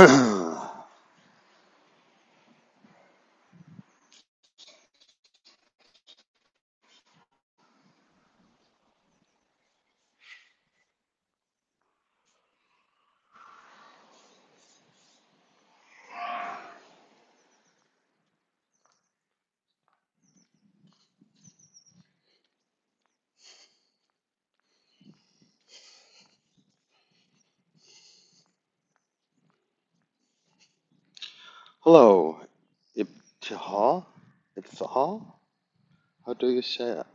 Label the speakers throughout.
Speaker 1: Hello, Ibtihal? Ibtihal? How do you say it?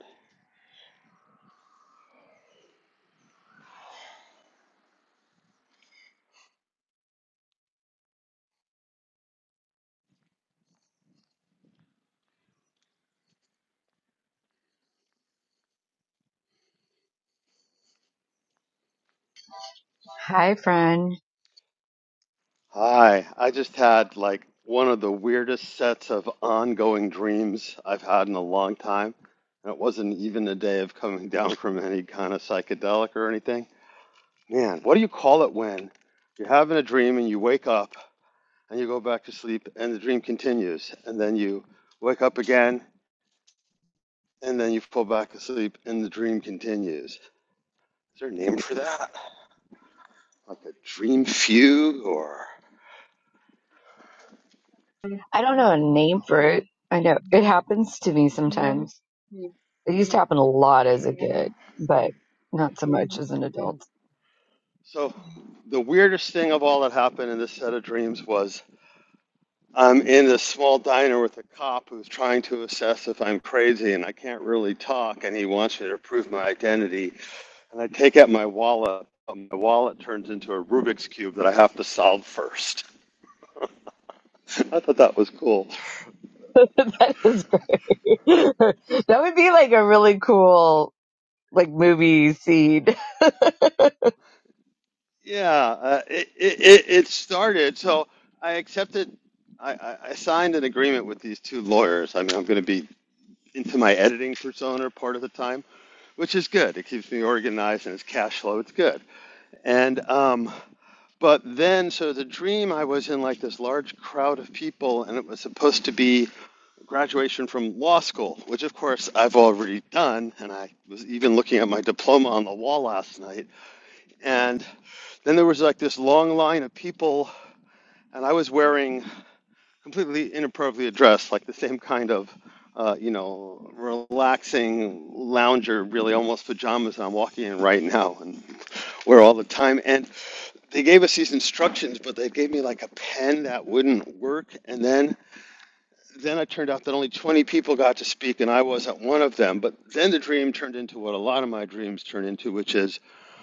Speaker 2: Hi, friend.
Speaker 1: Hi, I just had like one of the weirdest sets of ongoing dreams I've had in a long time. And it wasn't even a day of coming down from any kind of psychedelic or anything. Man, what do you call it when you're having a dream and you wake up and you go back to sleep and the dream continues and then you wake up again and then you fall back asleep and the dream continues? Is there a name for that? like a dream fugue or I
Speaker 2: I don't know
Speaker 1: don't
Speaker 2: a
Speaker 1: know what you
Speaker 2: name
Speaker 1: call
Speaker 2: for
Speaker 1: that.
Speaker 2: it. I know it happens to me sometimes. Mhm. It used to happen a lot as a kid, but not so much as an adult.
Speaker 1: So the weirdest thing of all that happened in this set of dreams was I'm in this small diner with a cop who's trying to assess if I'm crazy and I can't really talk and he wants me to prove my identity and I take out my wallet. My wallet turns into a Rubik's cube that I have to solve first. I thought that was cool.
Speaker 2: that is great. that would be like a really cool like movie scene.
Speaker 1: Yeah, uh, it, it it it started. So I accepted I, I I signed an agreement with these two lawyers. I mean, I'm going to be into my editing persona part of the time, which is good. It keeps me organized and it's cash flow. It's good. And um, but then, so the dream I was in like this large crowd of people, and it was supposed to be graduation from law school, which of course I've already done, and I was even looking at my diploma on the wall last night. And then there was like this long line of people, and I was wearing completely inappropriately addressed, like the same kind of, uh, you know, relaxing lounger, really almost pajamas I'm walking in right now and wear all the time. And they gave us these instructions, but they gave me like a pen that wouldn't work. And then then it turned out that only 20 people got to speak, and I wasn't one of them. But then the dream turned into what a lot of my dreams turn into, which is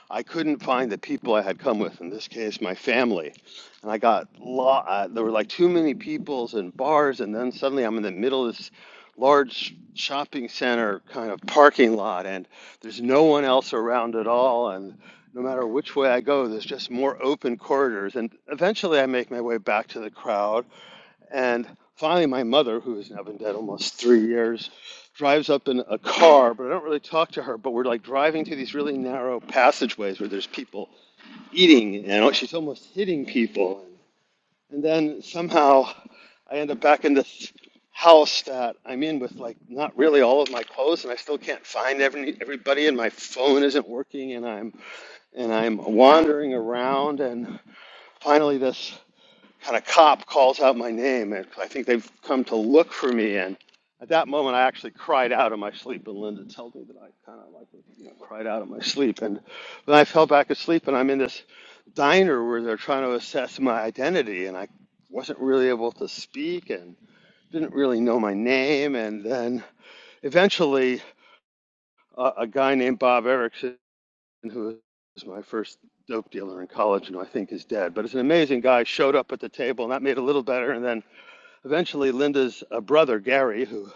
Speaker 1: I couldn't find the people I had come with. In this case, my family, and I got lo- uh, there were like too many peoples and bars, and then suddenly I'm in the middle of this large shopping center kind of parking lot, and there's no one else around at all, and no matter which way I go, there's just more open corridors, and eventually I make my way back to the crowd and finally, my mother, who has now been dead almost three years, drives up in a car, but I don't really talk to her. But we're like driving through these really narrow passageways where there's people eating, and she's almost hitting people. And then somehow I end up back in this house that I'm in with like not really all of my clothes, and I still can't find every, everybody, and my phone isn't working, and I'm and I'm wandering around, and finally this and a cop calls out my name, and I think they've come to look for me. And at that moment, I actually cried out in my sleep, and Linda told me that I kind of like you know, cried out in my sleep. And then I fell back asleep, and I'm in this diner where they're trying to assess my identity, and I wasn't really able to speak and didn't really know my name. And then eventually, uh, a guy named Bob Erickson, who was my first dope dealer in college, and who I think is dead, but it's an amazing guy, showed up at the table, and that made it a little better. And then Eventually, Linda's uh, brother, Gary, who,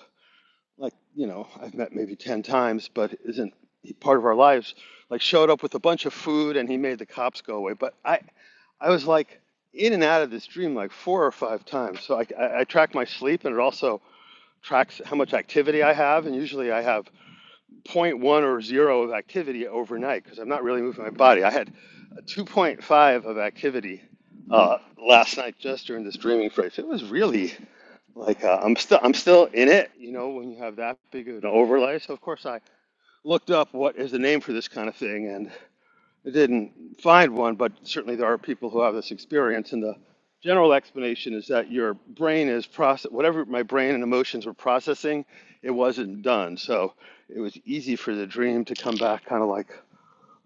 Speaker 1: like, you know, I've met maybe 10 times, but isn't he- part of our lives, like, showed up with a bunch of food and he made the cops go away. But I, I was like in and out of this dream like four or five times. So I, I, I track my sleep and it also tracks how much activity I have. And usually I have zero point 0.1 or zero of activity overnight because I'm not really moving my body. I had a 2.5 of activity uh, last night just during this dreaming phase. It was really like uh, I'm still I'm still in it, you know, when you have that big of an overlay. So of course I looked up what is the name for this kind of thing and I didn't find one, but certainly there are people who have this experience and the general explanation is that your brain is process whatever my brain and emotions were processing, it wasn't done. So it was easy for the dream to come back kind of like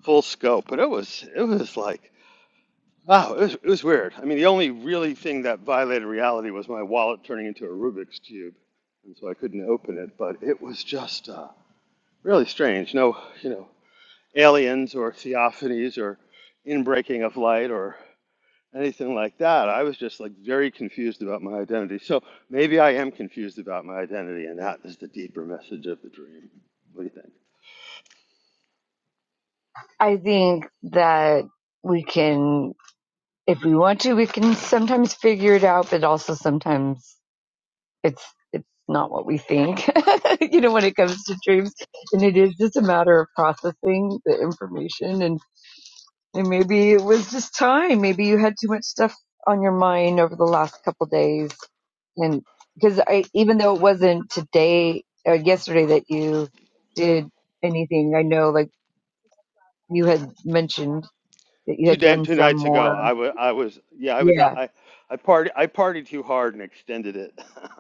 Speaker 1: full scope, but it was it was like Oh, it was, it was weird. I mean, the only really thing that violated reality was my wallet turning into a Rubik's cube, and so I couldn't open it. But it was just uh, really strange. No, you know, aliens or theophanies or inbreaking of light or anything like that. I was just like very confused about my identity. So maybe I am confused about my identity, and that is the deeper message of the dream. What do you think?
Speaker 2: I think that we can, if we want to, we can sometimes figure it out, but also sometimes it's it's not what we think you know when it comes to dreams and it is just a matter of processing the information and and maybe it was just time maybe you had too much stuff on your mind over the last couple days and because i even though it wasn't today or yesterday that you did anything i know like you had mentioned that you
Speaker 1: Two
Speaker 2: had
Speaker 1: day,
Speaker 2: done
Speaker 1: two
Speaker 2: some
Speaker 1: nights ago,
Speaker 2: more
Speaker 1: I was, I was, yeah, I was, out-
Speaker 2: yeah
Speaker 1: I, I party, I partied too hard and extended it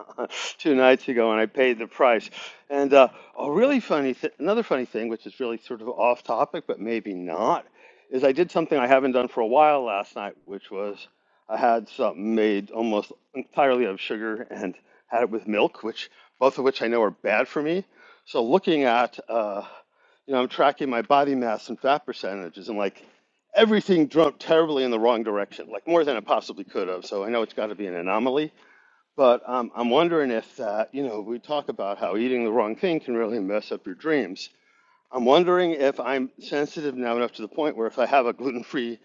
Speaker 1: two nights ago, and I paid the price. And uh, a really funny, th- another funny thing, which is really sort of off topic, but maybe not, is I did something I haven't done for a while last night, which was I had something made almost entirely out of sugar and had it with milk, which both of which I know are bad for me. So looking at. uh, you know, I'm tracking my body mass and fat percentages, and like everything jumped terribly in the wrong direction, like more than it possibly could have. So I know it's got to be an anomaly, but um, I'm wondering if that, you know, we talk about how eating the wrong thing can really mess up your dreams. I'm wondering if I'm sensitive now enough to the point where if I have a gluten-free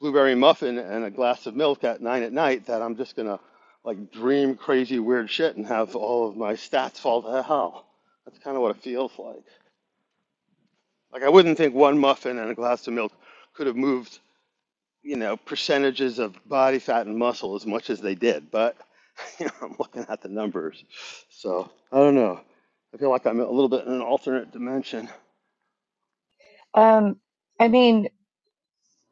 Speaker 1: blueberry muffin and a glass of milk at nine at night, that I'm just gonna like dream crazy weird shit and have all of my stats fall to hell. That's kind of what it feels like. Like I wouldn't think one muffin and a glass of milk could have moved, you know, percentages of body fat and muscle as much as they did. But you know, I'm looking at the numbers, so I don't know. I feel like I'm a little bit in an alternate dimension,
Speaker 2: um i mean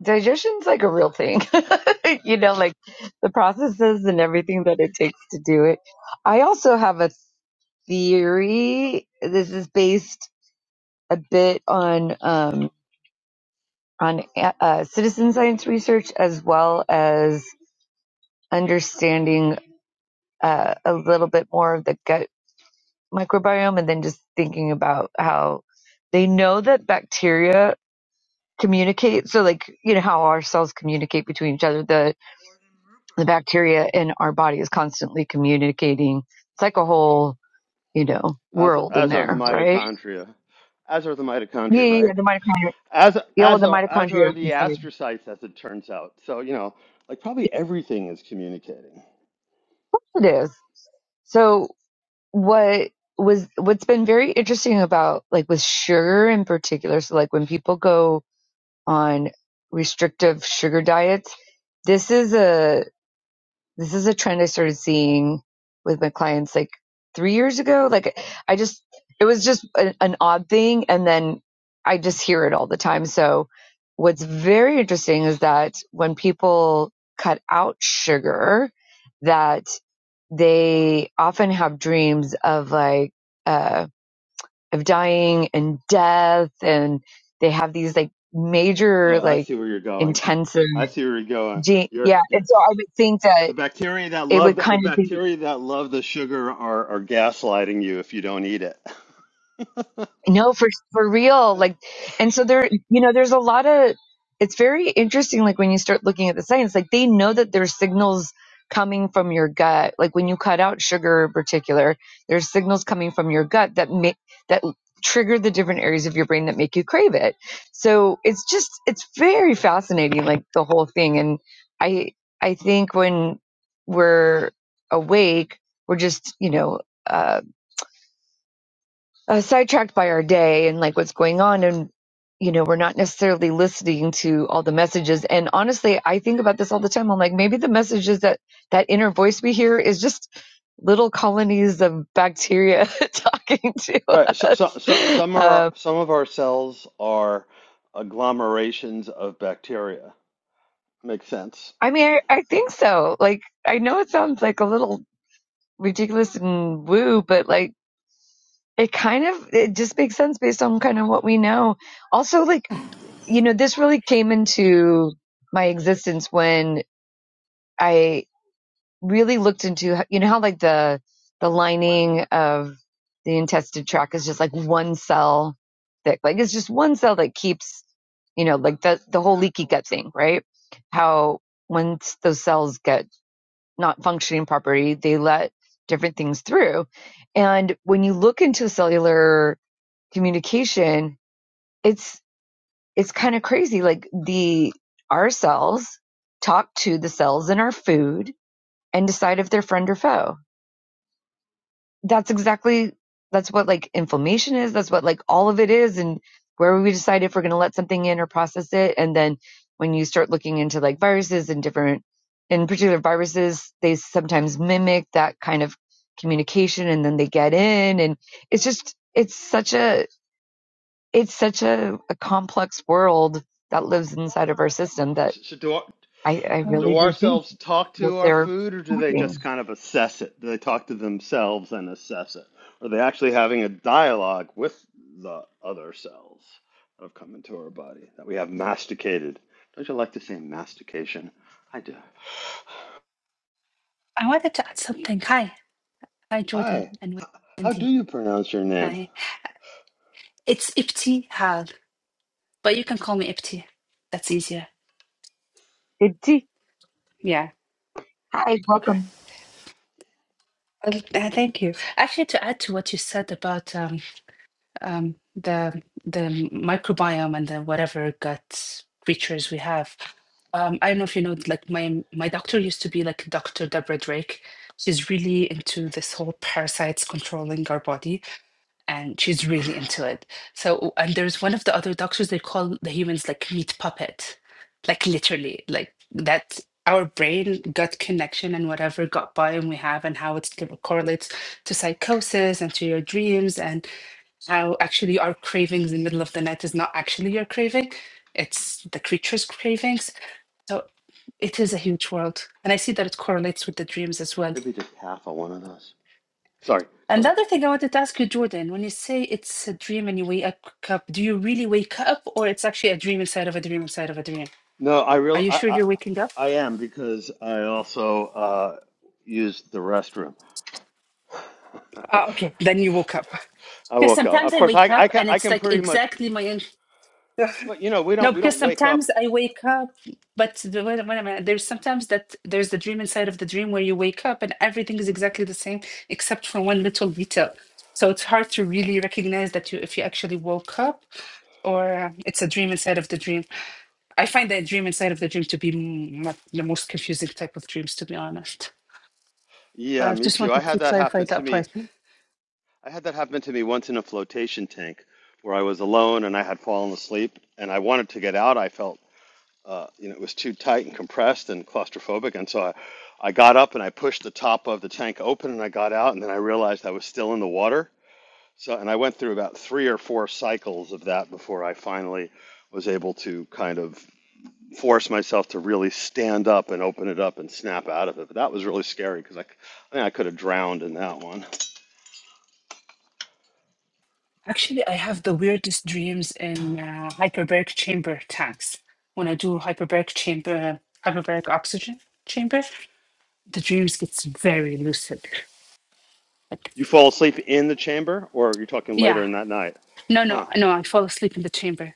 Speaker 2: digestion's like a real thing you know like the processes and everything that it takes to do it i also have a theory this is based a bit on um on uh, citizen science research as well as understanding uh, a little bit more of the gut microbiome and then just thinking about how they know that bacteria communicate so like you know how our cells communicate between each other The the bacteria in our body is constantly communicating. It's like a whole, you know,
Speaker 1: as
Speaker 2: world in
Speaker 1: as are the
Speaker 2: there, right?
Speaker 1: mitochondria, as are the
Speaker 2: Yeah,
Speaker 1: mitochondria,
Speaker 2: yeah,
Speaker 1: right?
Speaker 2: yeah, the mitochondria.
Speaker 1: As
Speaker 2: Yeah, well,
Speaker 1: as
Speaker 2: the
Speaker 1: are as
Speaker 2: mitochondria
Speaker 1: are the
Speaker 2: inside.
Speaker 1: astrocytes, as it turns out. So you know, like probably everything is communicating.
Speaker 2: It is. So what was what's been very interesting about like with sugar in particular, so like when people go on restrictive sugar diets, this is a This is a trend I started seeing with my clients like three years ago. Like I just, it was just an, an odd thing. And then I just hear it all the time. So what's very interesting is that when people cut out sugar, that they often have dreams of like, uh, of dying and death and they have these like major
Speaker 1: Oh, I
Speaker 2: like
Speaker 1: see where you're going.
Speaker 2: intensive.
Speaker 1: I see where you're going.
Speaker 2: ge-
Speaker 1: You're
Speaker 2: Yeah.
Speaker 1: you're
Speaker 2: And so I would think
Speaker 1: The
Speaker 2: that
Speaker 1: bacteria that
Speaker 2: it would
Speaker 1: love the
Speaker 2: kind of be.
Speaker 1: bacteria that love the sugar are, are gaslighting you if you don't eat it.
Speaker 2: No, for for real.
Speaker 1: Oh.
Speaker 2: Like, and so there, you know, there's a lot of. It's very interesting. Like when you start looking at the science, like they know that there's signals coming from your gut. Like when you cut out sugar in particular, there's signals coming from your gut that make that trigger the different areas of your brain that make you crave it. So it's just it's very fascinating. Like the whole thing, and I I think when we're awake, we're just you know. uh, uh, sidetracked by our day and like what's going on and you know we're not necessarily listening to all the messages and honestly i think about this all the time i'm like maybe the messages that that inner voice we hear is just little colonies of bacteria talking to
Speaker 1: Right. So, so, so
Speaker 2: us
Speaker 1: some are
Speaker 2: um,
Speaker 1: some of our cells are agglomerations of bacteria. Makes sense.
Speaker 2: i mean I, I think so like i know it sounds like a little ridiculous and woo but like it kind of it just makes sense based on kind of what we know also like you know, this really came into my existence when I really looked into, you know, how like the, the lining of the intestinal tract is just like one cell thick. Like it's just one cell that keeps, you know, like the, the whole leaky gut thing, right? How once those cells get not functioning properly, they let different things through. And when you look into cellular communication, it's it's kind of crazy. Like the our cells talk to the cells in our food and decide if they're friend or foe. That's exactly that's what like inflammation is. That's what like all of it is, and where we decide if we're going to let something in or process it. And then when you start looking into like viruses and different, in particular viruses, they sometimes mimic that kind of communication, and then they get in, and it's just it's such a it's such a, a complex world that lives inside of our system
Speaker 1: So,
Speaker 2: that
Speaker 1: so so do I.
Speaker 2: I, I
Speaker 3: Um,
Speaker 2: really
Speaker 1: Do
Speaker 2: do think
Speaker 1: ourselves talk
Speaker 2: that
Speaker 1: to our
Speaker 2: they're
Speaker 1: food, or do they
Speaker 2: talking.
Speaker 1: just kind of assess it? Do they talk to themselves and assess it? Are they actually having a dialogue with the other cells that have come into our body that we have masticated? Don't you like to say mastication? I do.
Speaker 3: I wanted to add something. Hi, hi, Jordan
Speaker 1: Hi,
Speaker 3: and
Speaker 1: how do
Speaker 3: Wendy.
Speaker 1: you pronounce your name?
Speaker 3: Hi, it's Ipti Hal, but you can call me Ipti. That's easier.
Speaker 2: Good tea.
Speaker 3: Yeah.
Speaker 2: Hi,
Speaker 1: Okay,
Speaker 2: welcome.
Speaker 3: Well, uh, thank you. Actually, to add to what you said about um, um, the the microbiome and the whatever gut creatures we have, um, I don't know if you know. Like my my doctor used to be like Dr. Deborah Drake. She's really into this whole parasites controlling our body and she's really into it. So, and there's one of the other doctors, they call the humans like meat puppet, like literally, like that our brain gut connection and whatever gut biome we have and how it correlates to psychosis and to your dreams and how actually our cravings in the middle of the night is not actually your craving. It's the creature's cravings. So it is a huge world. And I see that it correlates with the dreams as well.
Speaker 1: maybe just half of one of those. Sorry, go
Speaker 3: And the
Speaker 1: ahead.
Speaker 3: other thing I wanted to ask you, Jordan, when you say it's a dream and you wake up, do you really wake up or it's actually a dream inside of a dream inside of a dream?
Speaker 1: No, I
Speaker 3: Are
Speaker 1: real
Speaker 3: you
Speaker 1: I
Speaker 3: sure
Speaker 1: I,
Speaker 3: you're waking up?
Speaker 1: I am because I also uh, used the restroom.
Speaker 3: Ah, okay. Then you woke up.
Speaker 1: I
Speaker 3: Because
Speaker 1: woke up.
Speaker 3: sometimes
Speaker 1: Of
Speaker 3: I
Speaker 1: course,
Speaker 3: wake
Speaker 1: I I
Speaker 3: up
Speaker 1: can
Speaker 3: and
Speaker 1: I
Speaker 3: it's
Speaker 1: can
Speaker 3: like
Speaker 1: pretty much.
Speaker 3: exactly my own.
Speaker 1: But you know, we
Speaker 3: No,
Speaker 1: don't we
Speaker 3: because
Speaker 1: don't wake up.
Speaker 3: sometimes I wake up, but the, wait, a- wait a minute. There's sometimes that there's the dream inside of the dream where you wake up and everything is exactly the same except for one little detail. So it's hard to really recognize that you if you actually woke up or uh, it's a dream inside of the dream. I find that dream inside of the dream to be m- not the most confusing type of dreams, to be honest. But
Speaker 1: Yeah,
Speaker 3: I've
Speaker 1: me
Speaker 3: just
Speaker 1: too. I
Speaker 3: wanted to
Speaker 1: had that
Speaker 3: clarify
Speaker 1: happen to
Speaker 3: that part.
Speaker 1: me. I had that happen to me once in a flotation tank where I was alone and I had fallen asleep and I wanted to get out. I felt uh, you know it was too tight and compressed and claustrophobic, and so I I got up and I pushed the top of the tank open and I got out and then I realized I was still in the water. So and I went through about three or four cycles of that before I finally was able to kind of force myself to really stand up and open it up and snap out of it. But that was really scary because I, I think I could have drowned in that one.
Speaker 3: Actually, I have the weirdest dreams in uh, hyperbaric chamber tanks. When I do hyperbaric chamber, hyperbaric oxygen chamber, the dreams gets very lucid. Like,
Speaker 1: You fall asleep in the chamber, or you're talking later
Speaker 3: yeah,
Speaker 1: in that night?
Speaker 3: no, no,
Speaker 1: Huh.
Speaker 3: no. I fall asleep in the chamber.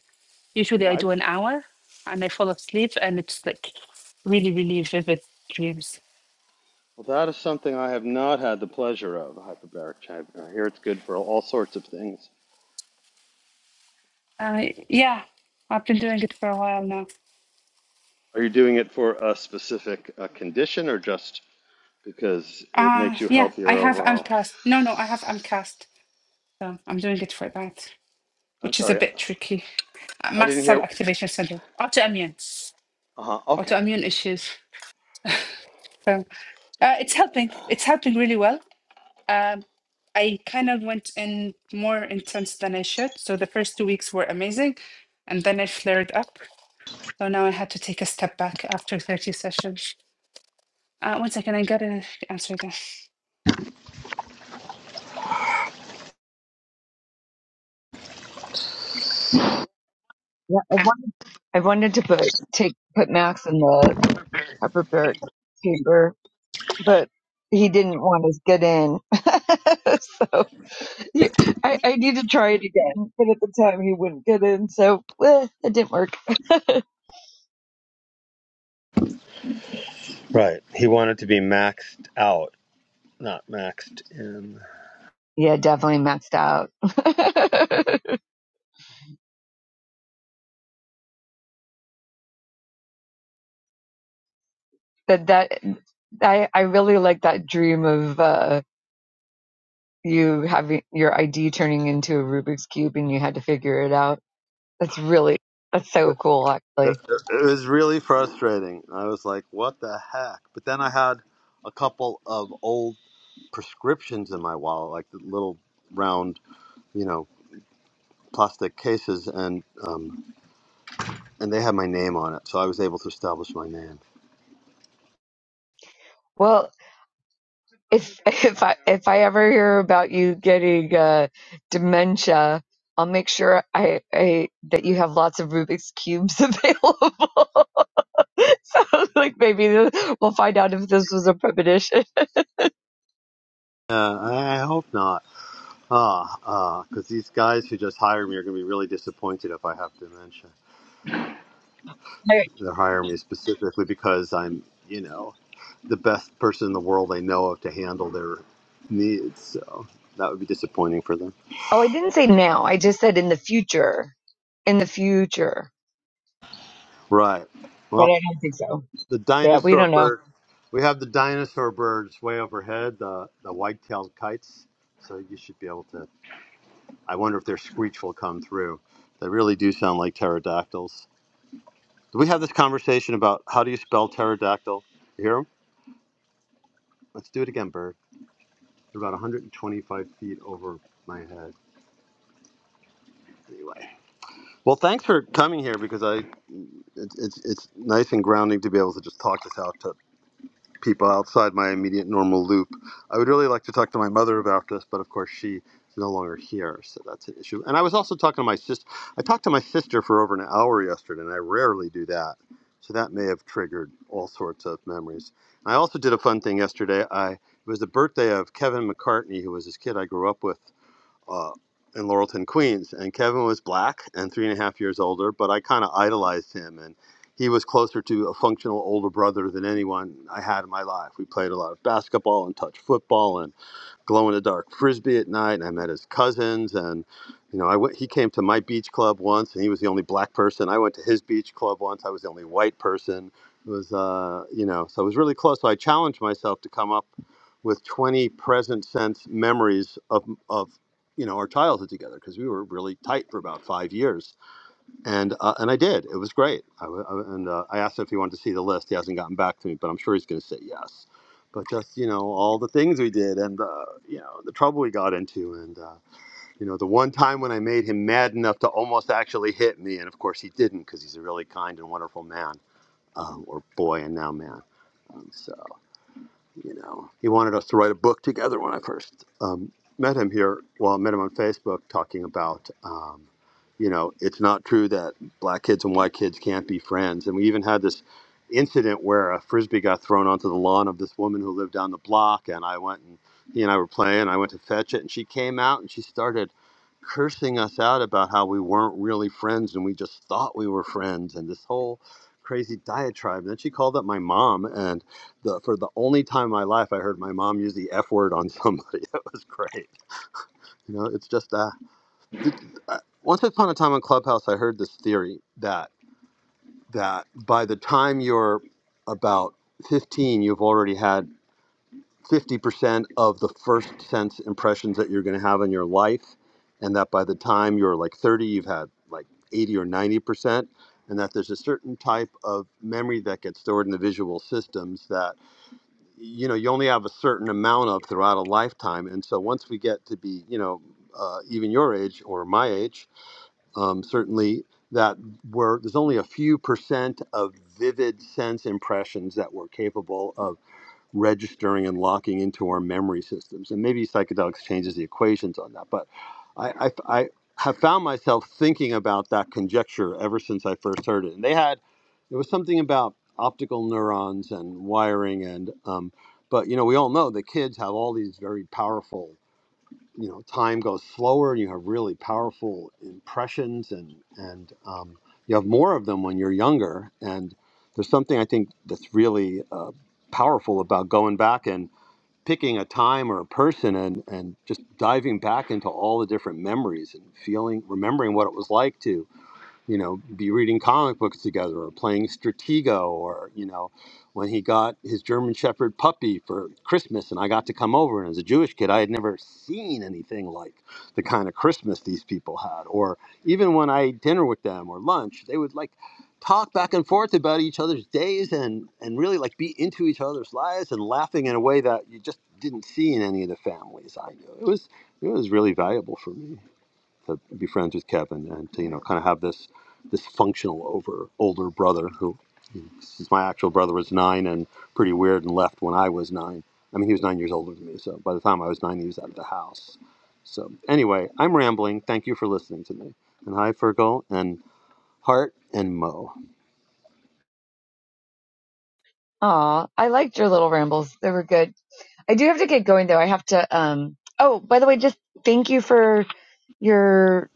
Speaker 3: Usually,
Speaker 1: Yeah,
Speaker 3: I do
Speaker 1: I've.
Speaker 3: an hour, and I fall asleep, and it's like really, really vivid dreams.
Speaker 1: Well, that is something I have not had the pleasure of. A hyperbaric chamber. I hear it's good for all sorts of things.
Speaker 3: Uh, yeah, I've been doing it for a while now.
Speaker 1: Are you doing it for a specific uh, condition, or just because it
Speaker 3: Uh
Speaker 1: makes you
Speaker 3: yeah, I
Speaker 1: healthier
Speaker 3: have
Speaker 1: overall?
Speaker 3: Amcast. No, no, I have Amcast. So I'm doing it for that,
Speaker 1: I'm
Speaker 3: which is a
Speaker 1: sorry,
Speaker 3: bit tricky. Uh,
Speaker 1: I
Speaker 3: Mast
Speaker 1: didn't
Speaker 3: cell
Speaker 1: hear.
Speaker 3: activation syndrome, autoimmune,
Speaker 1: Uh huh. Okay.
Speaker 3: autoimmune issues. So uh, it's helping.
Speaker 1: Yeah.
Speaker 3: It's helping really well. Um, I kind of went in more intense than I should. So the first two weeks were amazing, and then it flared up. So now I had to take a step back after 30 sessions. Uh, one second, I gotta answer that.
Speaker 2: Yeah, I wanted, I wanted to put take put Max in the hyperbaric chamber, but he didn't want us to get in. so yeah, I, I need to try it again. But at the time, he wouldn't get in, so eh, it didn't work.
Speaker 1: Right. He wanted to be maxed out not maxed in.
Speaker 2: Yeah, definitely maxed out. that that I I really like that dream of. uh you having your ID turning into a Rubik's cube and you had to figure it out. That's really that's so
Speaker 1: It,
Speaker 2: cool,
Speaker 1: it,
Speaker 2: actually.
Speaker 1: it was really frustrating. I was like, what the heck? But then I had a couple of old prescriptions in my wallet, like the little round, you know, plastic cases, and um, and they had my name on it, so I was able to establish my name.
Speaker 2: Well, if if I if I ever hear about you getting uh, dementia, I'll make sure I, I that you have lots of Rubik's cubes available. so like maybe th- we'll find out if this was a premonition.
Speaker 1: Uh, I I hope not, ah, ah, because these guys who just hire me are going to be really disappointed if I have dementia.
Speaker 2: I,
Speaker 1: They're hiring me specifically because I'm, you know. the best person in the world they know of to handle their needs. So that would be disappointing for them.
Speaker 2: oh, I didn't say now. I just said in the future. In the future,
Speaker 1: Right.
Speaker 2: but I
Speaker 1: Well,
Speaker 2: don't think so.
Speaker 1: the
Speaker 2: Yeah, we
Speaker 1: dinosaur
Speaker 2: don't know.
Speaker 1: bird. We have the dinosaur birds way overhead, the, the white-tailed kites. So you should be able to. I wonder if their screech will come through. They really do sound like pterodactyls. Did we have this conversation about how do you spell pterodactyl? You hear them. 'em? Let's do it again, bird. They're about 125 feet over my head. Anyway. Well, thanks for coming here because I it's it's it's nice and grounding to be able to just talk this out to people outside my immediate normal loop. I would really like to talk to my mother about this, but of course she is no longer here, so that's an issue. And I was also talking to my sister. I talked to my sister for over an hour yesterday, and I rarely do that, so that may have triggered all sorts of memories. I also did a fun thing yesterday. I it was the birthday of Kevin McCartney, who was this kid I grew up with uh, in Laurelton, Queens. And Kevin was black and three and a half years older, but I kind of idolized him. And he was closer to a functional older brother than anyone I had in my life. We played a lot of basketball and touch football. and glow in the dark frisbee at night, and I met his cousins. And you know, I went. He came to my beach club once, and he was the only black person. I went to his beach club once. I was the only white person. It was uh, you know, so it was really close. So I challenged myself to come up with 20 present sense memories of of you know our childhood together because we were really tight for about five years and uh, and I did. It was great. I, w- I- and uh, I asked him if he wanted to see the list. He hasn't gotten back to me, but I'm sure he's going to say yes. But just you know, all the things we did, and uh, you know, the trouble we got into, and uh, you know, the one time when I made him mad enough to almost actually hit me, and of course he didn't because he's a really kind and wonderful man, um, or boy, and now man. Um, so you know, he wanted us to write a book together when I first um, met him here. Well, I met him on Facebook talking about, um, you know, it's not true that black kids and white kids can't be friends. And we even had this incident where a frisbee got thrown onto the lawn of this woman who lived down the block. And I went and he and I were playing. I went to fetch it. And she came out and she started cursing us out about how we weren't really friends and we just thought we were friends and this whole crazy diatribe. And then she called up my mom and the for the only time in my life I heard my mom use the F word on somebody. That was great. You know, it's just uh, uh, once upon a time on Clubhouse, I heard this theory that that by the time you're about 15, you've already had 50% of the first sense impressions that you're going to have in your life, and that by the time you're like 30, you've had like 80 or 90%, and that there's a certain type of memory that gets stored in the visual systems that you know you only have a certain amount of throughout a lifetime and so once we get to be you know uh, even your age or my age um, certainly that we're there's only a few percent of vivid sense impressions that we're capable of registering and locking into our memory systems. And maybe psychedelics changes the equations on that. But I, I, I have found myself thinking about that conjecture ever since I first heard it. And they had, there was something about optical neurons and wiring and, um, but you know, we all know the kids have all these very powerful you know time goes slower and you have really powerful impressions and and um, you have more of them when you're younger and there's something i think that's really uh, powerful about going back and picking a time or a person and and just diving back into all the different memories and feeling remembering what it was like to you know, be reading comic books together or playing Stratego or, you know, when he got his German Shepherd puppy for Christmas and I got to come over. And as a Jewish kid, I had never seen anything like the kind of Christmas these people had. Or even when I ate dinner with them or lunch, they would like talk back and forth about each other's days and, and really like be into each other's lives and laughing in a way that you just didn't see in any of the families I knew. It was, it was really valuable for me to be friends with Kevin and to you know kind of have this this functional over older brother who since my actual brother was nine and pretty weird and left when I was nine. I mean, he was nine years older than me, so by the time I was nine, he was out of the house. So anyway, I'm rambling. Thank you for listening to me. And hi, Fergal and Hart and Mo.
Speaker 2: Aw, I liked your little rambles. They were good. I do have to get going though. I have to um oh, by the way, just thank you for your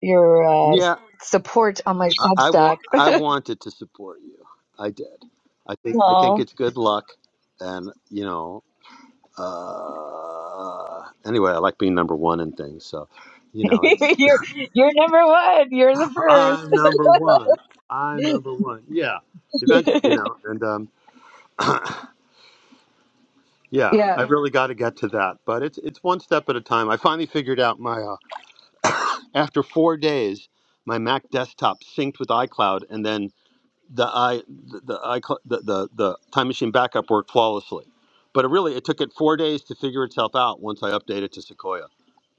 Speaker 2: your uh
Speaker 1: Yeah,
Speaker 2: support on my
Speaker 1: I, I
Speaker 2: Substack.
Speaker 1: want I wanted to support you. I did. I think I think
Speaker 2: Aw.
Speaker 1: it's good luck, and you know uh, anyway, I like being number one and things. So, you know, it's
Speaker 2: you're you're number one. You're the first.
Speaker 1: I'm number one. I'm number one. Yeah, eventually, you know, and um, yeah,
Speaker 2: yeah.
Speaker 1: I really got to get to that. But it's it's one step at a time. I finally figured out my uh, after four days, my Mac desktop synced with iCloud, and then the i the the, icon- the the the time machine backup worked flawlessly but it really it took it four days to figure itself out once i updated to sequoia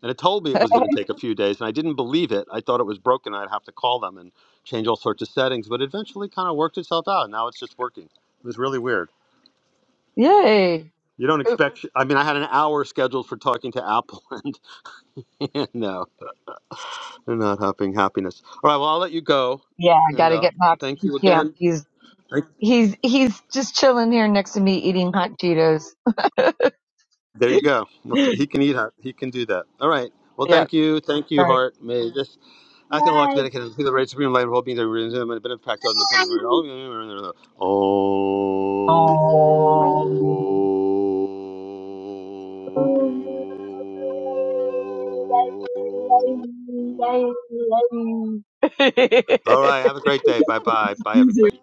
Speaker 1: and it told me it was going to take a few days and i didn't believe it i thought it was broken i'd have to call them and change all sorts of settings but it eventually kind of worked itself out now it's just working it was really weird
Speaker 2: Yay.
Speaker 1: you don't
Speaker 2: Oop.
Speaker 1: expect i mean i had an hour scheduled for talking to apple and, and no they're not having happiness all right well i'll let you go
Speaker 2: Yeah, I
Speaker 1: and
Speaker 2: gotta
Speaker 1: uh,
Speaker 2: get Max
Speaker 1: thank
Speaker 2: to
Speaker 1: you
Speaker 2: camp.
Speaker 1: again
Speaker 2: He's he's he's just chilling here next to me eating hot Cheetos.
Speaker 1: There you go. Well, so He can eat. hot. He can do that. All right. Well,
Speaker 2: yep.
Speaker 1: thank you. Thank
Speaker 2: All
Speaker 1: you,
Speaker 2: right.
Speaker 1: Hart. May this acting like
Speaker 2: Bye.
Speaker 1: dedicated to the right supreme light of all beings that reason them and have been impacted on the comes of all Oh.
Speaker 2: Oh. Thank
Speaker 1: All
Speaker 2: you.
Speaker 1: right. Have a great day. Bye bye. Bye, everybody.